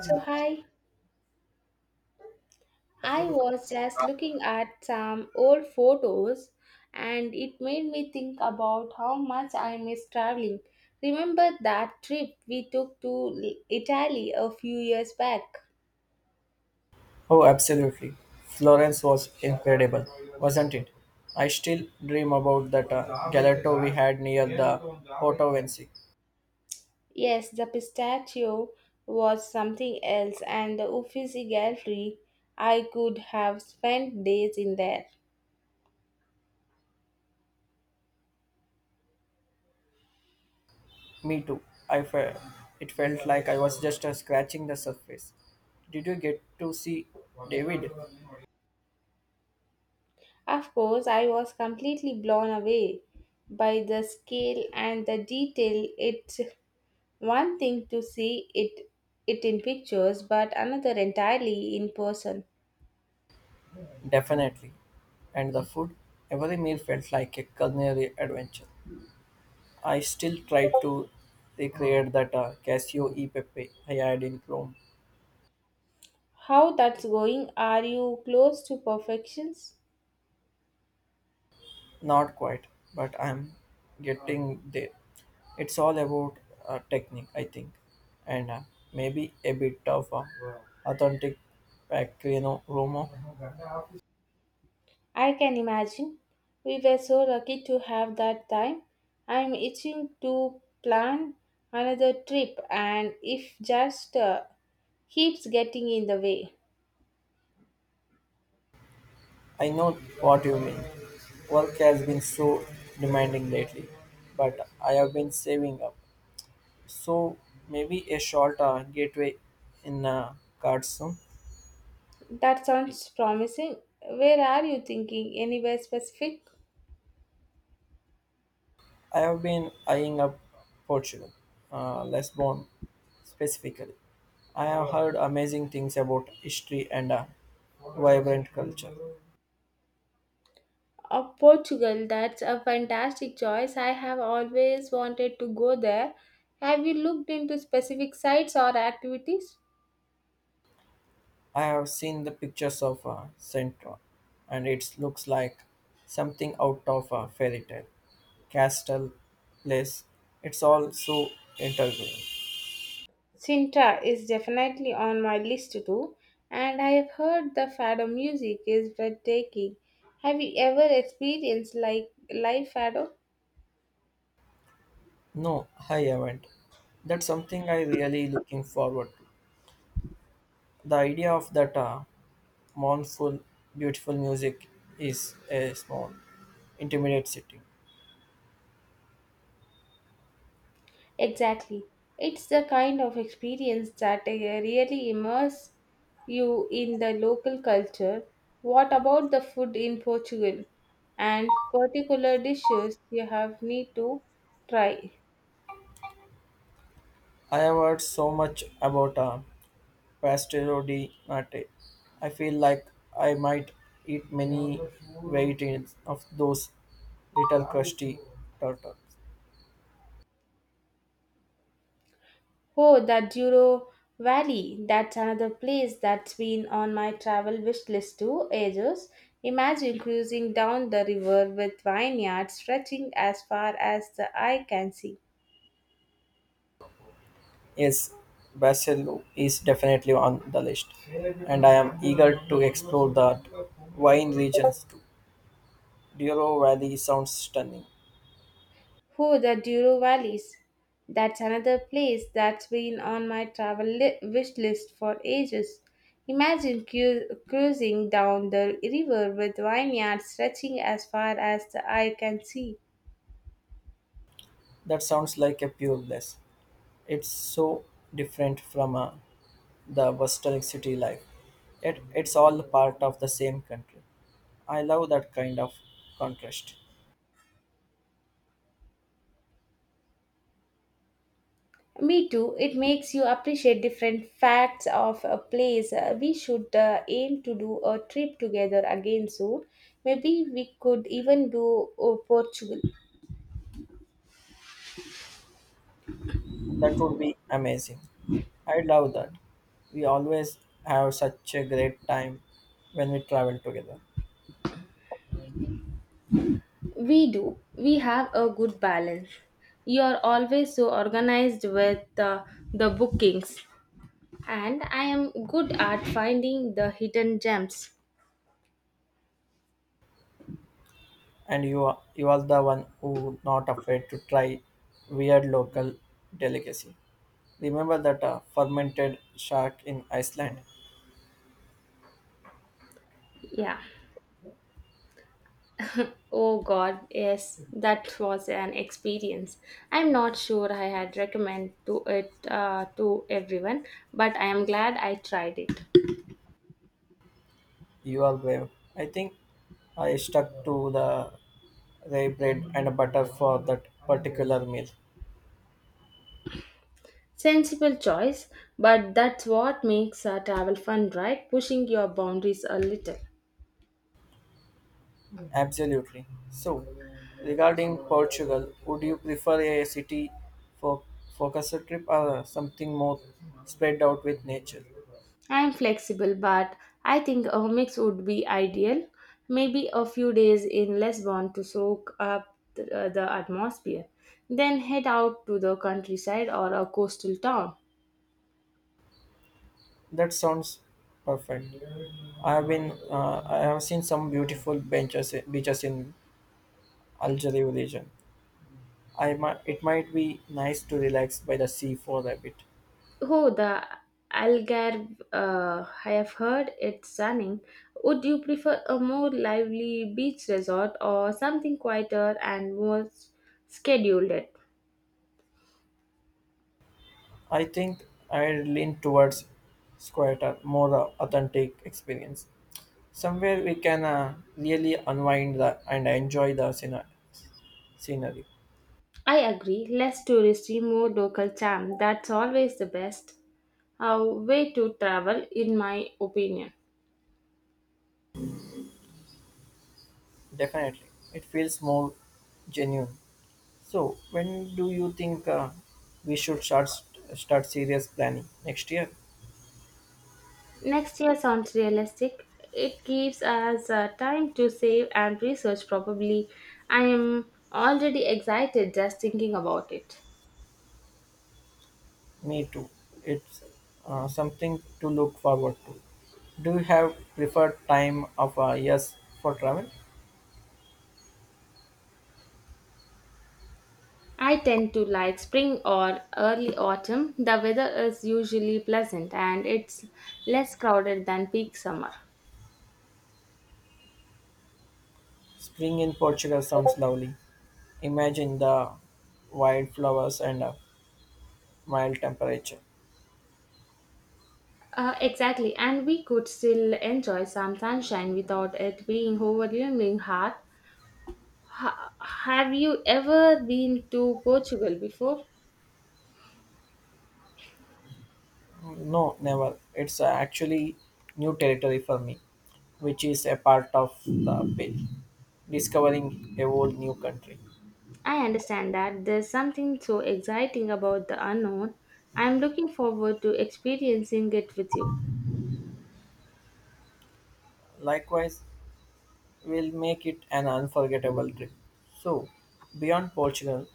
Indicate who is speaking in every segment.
Speaker 1: So, hi, I was just looking at some old photos and it made me think about how much I miss traveling. Remember that trip we took to Italy a few years back?
Speaker 2: Oh, absolutely. Florence was incredible, wasn't it? I still dream about that gelato we had near the Porto Vinci.
Speaker 1: Yes, the pistachio was something else, and the Uffizi Gallery, I could have spent days in there.
Speaker 2: Me too. I fe- it felt like I was just scratching the surface. Did you get to see David?
Speaker 1: Of course, I was completely blown away by the scale and the detail it. One thing to see it in pictures, but another entirely in person.
Speaker 2: Definitely. And the food? Every meal felt like a culinary adventure. I still try to recreate that Casio e Pepe I had in Rome.
Speaker 1: How that's going? Are you close to perfections?
Speaker 2: Not quite, but I'm getting there. It's all about technique, I think, and maybe a bit of authentic Pacquiao Romo.
Speaker 1: I can imagine. We were so lucky to have that time. I'm itching to plan another trip, and if just keeps getting in the way.
Speaker 2: I know what you mean. Work has been so demanding lately, but I have been saving up. So maybe a short gateway in cards soon.
Speaker 1: That sounds promising. Where are you thinking? Anywhere specific?
Speaker 2: I have been eyeing up Portugal, Lisbon specifically. I have heard amazing things about history and a vibrant culture.
Speaker 1: Oh, Portugal, that's a fantastic choice. I have always wanted to go there. Have you looked into specific sites or activities?
Speaker 2: I have seen the pictures of Central, and it looks like something out of a fairy tale. Castle, place, it's all so intriguing.
Speaker 1: Sintra is definitely on my list too, and I have heard the fado music is breathtaking. Have you ever experienced like live fado?
Speaker 2: No, I haven't. That's something I really looking forward to. The idea of that mournful, beautiful music is a small, intimate city.
Speaker 1: Exactly. It's the kind of experience that really immerse you in the local culture. What about the food in Portugal and particular dishes you have need to try?
Speaker 2: I have heard so much about a pastel di Marte. I feel like I might eat many varieties of those little crusty turtles.
Speaker 1: Oh, the Douro Valley. That's another place that's been on my travel wish list too ages. Imagine cruising down the river with vineyards stretching as far as the eye can see.
Speaker 2: Yes, Basil is definitely on the list, and I am eager to explore that wine regions too. Dioro Valley sounds stunning.
Speaker 1: Oh, the Duro Valleys. That's another place that's been on my travel wish list for ages. Imagine cruising down the river with vineyards stretching as far as the eye can see.
Speaker 2: That sounds like a pure bliss. It's so different from a the Western city life. Yet it's all part of the same country. I love that kind of contrast.
Speaker 1: Me too, it makes you appreciate different facts of a place. We should aim to do a trip together again soon. Maybe we could even do Portugal.
Speaker 2: That would be amazing. I love that. We always have such a great time when we travel together.
Speaker 1: We do. We have a good balance. You are always so organized with the bookings, and I am good at finding the hidden gems.
Speaker 2: And you are the one who not afraid to try weird local delicacy. Remember that fermented shark in Iceland.
Speaker 1: Yeah. Oh God, yes, that was an experience. I'm not sure I had recommend to it to everyone, but I am glad I tried it.
Speaker 2: You are brave. I think I stuck to the rye bread and butter for that particular meal.
Speaker 1: Sensible choice, but that's what makes travel fun, right? Pushing your boundaries a little.
Speaker 2: Absolutely. So, regarding Portugal, would you prefer a city for focus trip or something more spread out with nature?
Speaker 1: I am flexible, but I think a mix would be ideal. Maybe a few days in Lisbon to soak up the atmosphere, then head out to the countryside or a coastal town.
Speaker 2: That sounds perfect. I have seen some beautiful benches, beaches in Algeria region. I might, it might be nice to relax by the sea for a bit.
Speaker 1: Oh, the Algarve, I have heard it's stunning. Would you prefer a more lively beach resort or something quieter and more scheduled?
Speaker 2: I think I lean towards Squatter, more authentic experience. Somewhere we can really unwind the, and enjoy the scenery.
Speaker 1: I agree, less touristy, more local charm. That's always the best a way to travel, in my opinion.
Speaker 2: Definitely. It feels more genuine. So, when do you think we should start serious planning next year?
Speaker 1: Next year sounds realistic. It gives us time to save and research, probably. I am already excited just thinking about it.
Speaker 2: Me too. It's something to look forward to. Do you have preferred time of years for travel?
Speaker 1: I tend to like spring or early autumn. The weather is usually pleasant and it's less crowded than peak summer.
Speaker 2: Spring in Portugal sounds lovely. Imagine the wildflowers and a mild temperature.
Speaker 1: Exactly, and we could still enjoy some sunshine without it being overwhelming hard. Have you ever been to Portugal before?
Speaker 2: No, never. It's actually new territory for me, which is a part of the appeal. Discovering a whole new country.
Speaker 1: I understand that there's something so exciting about the unknown. I'm looking forward to experiencing it with you.
Speaker 2: Likewise, will make it an unforgettable trip. So, beyond Portugal,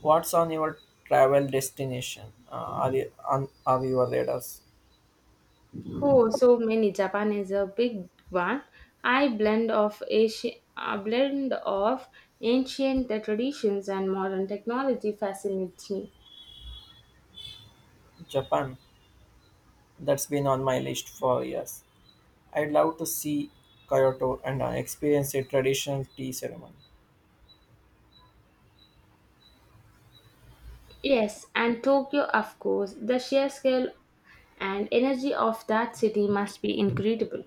Speaker 2: what's on your travel destination? Are your radars?
Speaker 1: Oh, so many. Japan is a big one. I blend of Asia, a blend of ancient traditions and modern technology fascinates me.
Speaker 2: Japan. That's been on my list for years. I'd love to see Kyoto and experience a traditional tea ceremony.
Speaker 1: Yes, and Tokyo, of course. The sheer scale and energy of that city must be incredible.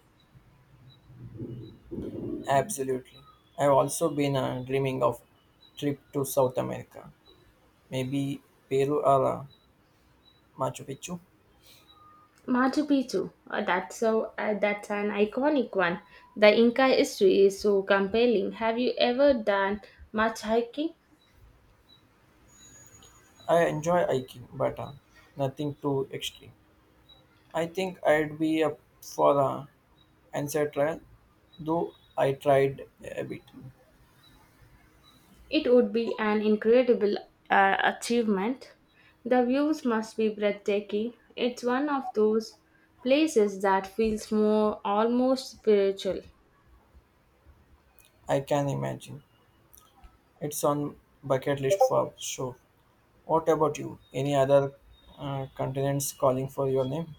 Speaker 2: Absolutely. I've also been dreaming of trip to South America, maybe Peru or Machu Picchu.
Speaker 1: Machu Picchu, that's an iconic one. The Inca history is so compelling. Have you ever done much hiking?
Speaker 2: I enjoy hiking, but nothing too extreme. I think I'd be up for a ancestral, though I tried a bit.
Speaker 1: It would be an incredible achievement. The views must be breathtaking. It's one of those places that feels more almost spiritual.
Speaker 2: I can imagine. It's on bucket list for sure. What about you? Any other continents calling for your name?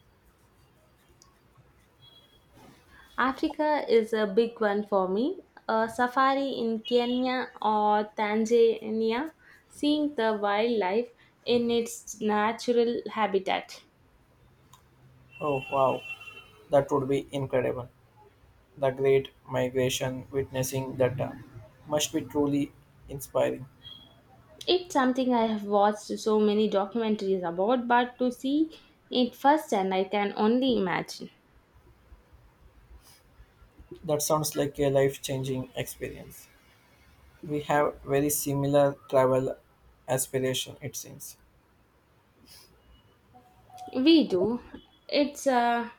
Speaker 1: Africa is a big one for me. A safari in Kenya or Tanzania, seeing the wildlife in its natural habitat.
Speaker 2: Oh wow, that would be incredible. The Great Migration, witnessing that must be truly inspiring.
Speaker 1: It's something I have watched so many documentaries about, but to see it firsthand, I can only imagine.
Speaker 2: That sounds like a life changing experience. We have very similar travel aspiration, it seems.
Speaker 1: We do. It's uh,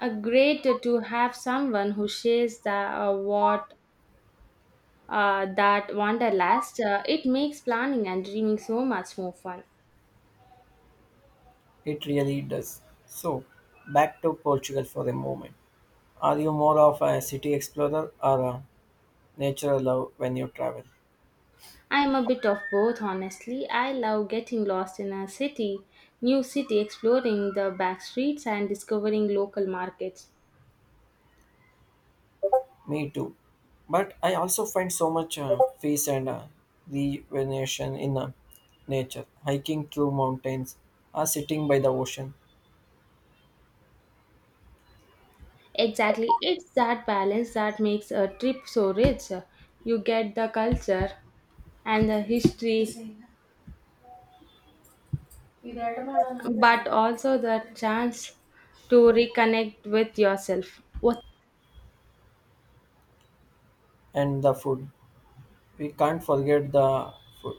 Speaker 1: a great to have someone who shares the what that wanderlust. It makes planning and dreaming so much more fun.
Speaker 2: It really does. So, back to Portugal for a moment. Are you more of a city explorer or a nature love when you travel?
Speaker 1: I'm a bit of both, honestly. I love getting lost in a city, new city, exploring the back streets and discovering local markets.
Speaker 2: Me too. But I also find so much peace and rejuvenation in nature, hiking through mountains, or sitting by the ocean,
Speaker 1: Exactly, it's that balance that makes a trip so rich. You get the culture and the history, but also the chance to reconnect with yourself. What
Speaker 2: and the food. We can't forget the food.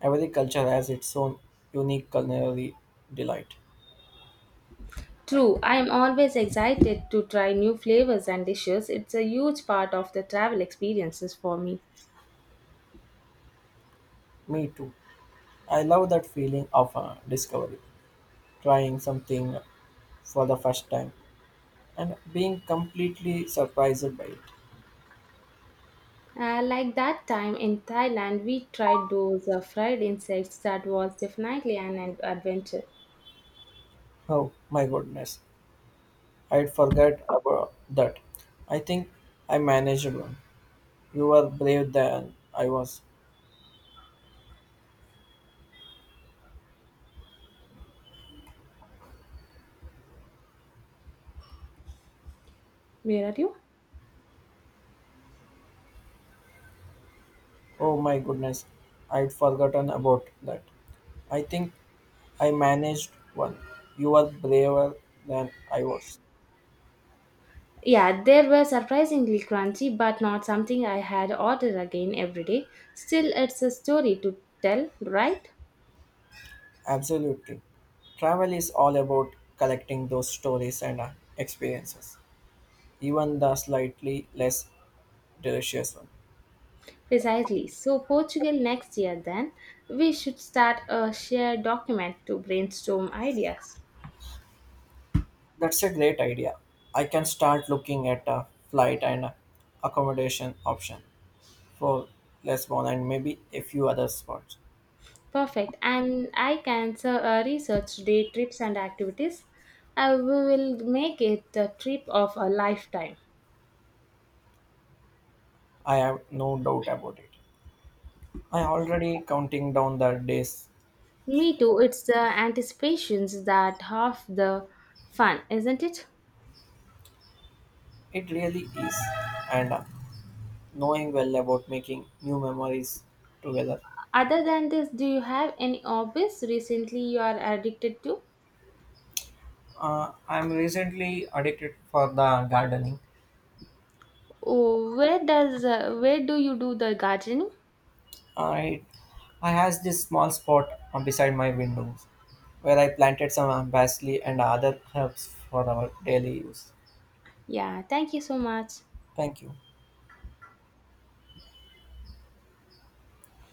Speaker 2: Every culture has its own unique culinary delight.
Speaker 1: true, I am always excited to try new flavors and dishes. It's a huge part of the travel experiences for me.
Speaker 2: Me too. I love that feeling of discovery, trying something for the first time, and being completely surprised by it.
Speaker 1: Like that time in Thailand, we tried those fried insects. That was definitely an adventure.
Speaker 2: Oh my goodness. I'd forget about that. I think I managed one. You were brave than I was.
Speaker 1: Where are you?
Speaker 2: Oh my goodness, I'd forgotten about that. I think I managed one. You were braver than I was.
Speaker 1: Yeah, they were surprisingly crunchy, but not something I had ordered again every day. Still, it's a story to tell, right?
Speaker 2: Absolutely. Travel is all about collecting those stories and experiences, even the slightly less delicious one.
Speaker 1: Precisely. So, Portugal next year, then, we should start a shared document to brainstorm ideas.
Speaker 2: That's a great idea. I can start looking at a flight and accommodation option. For Lisbon and maybe a few other spots.
Speaker 1: Perfect. And I can so, research day trips and activities. I will make it the trip of a lifetime.
Speaker 2: I have no doubt about it. I already counting down the days.
Speaker 1: Me too. It's the anticipations that half the fun, isn't it?
Speaker 2: It really is, and knowing well about making new memories together.
Speaker 1: Other than this, do you have any hobbies recently you are addicted to?
Speaker 2: I'm recently addicted for the gardening.
Speaker 1: Oh, where does where do you do the gardening?
Speaker 2: I I has this small spot beside my windows where I planted some basil and other herbs for our daily use.
Speaker 1: Yeah, thank you so much.
Speaker 2: Thank you.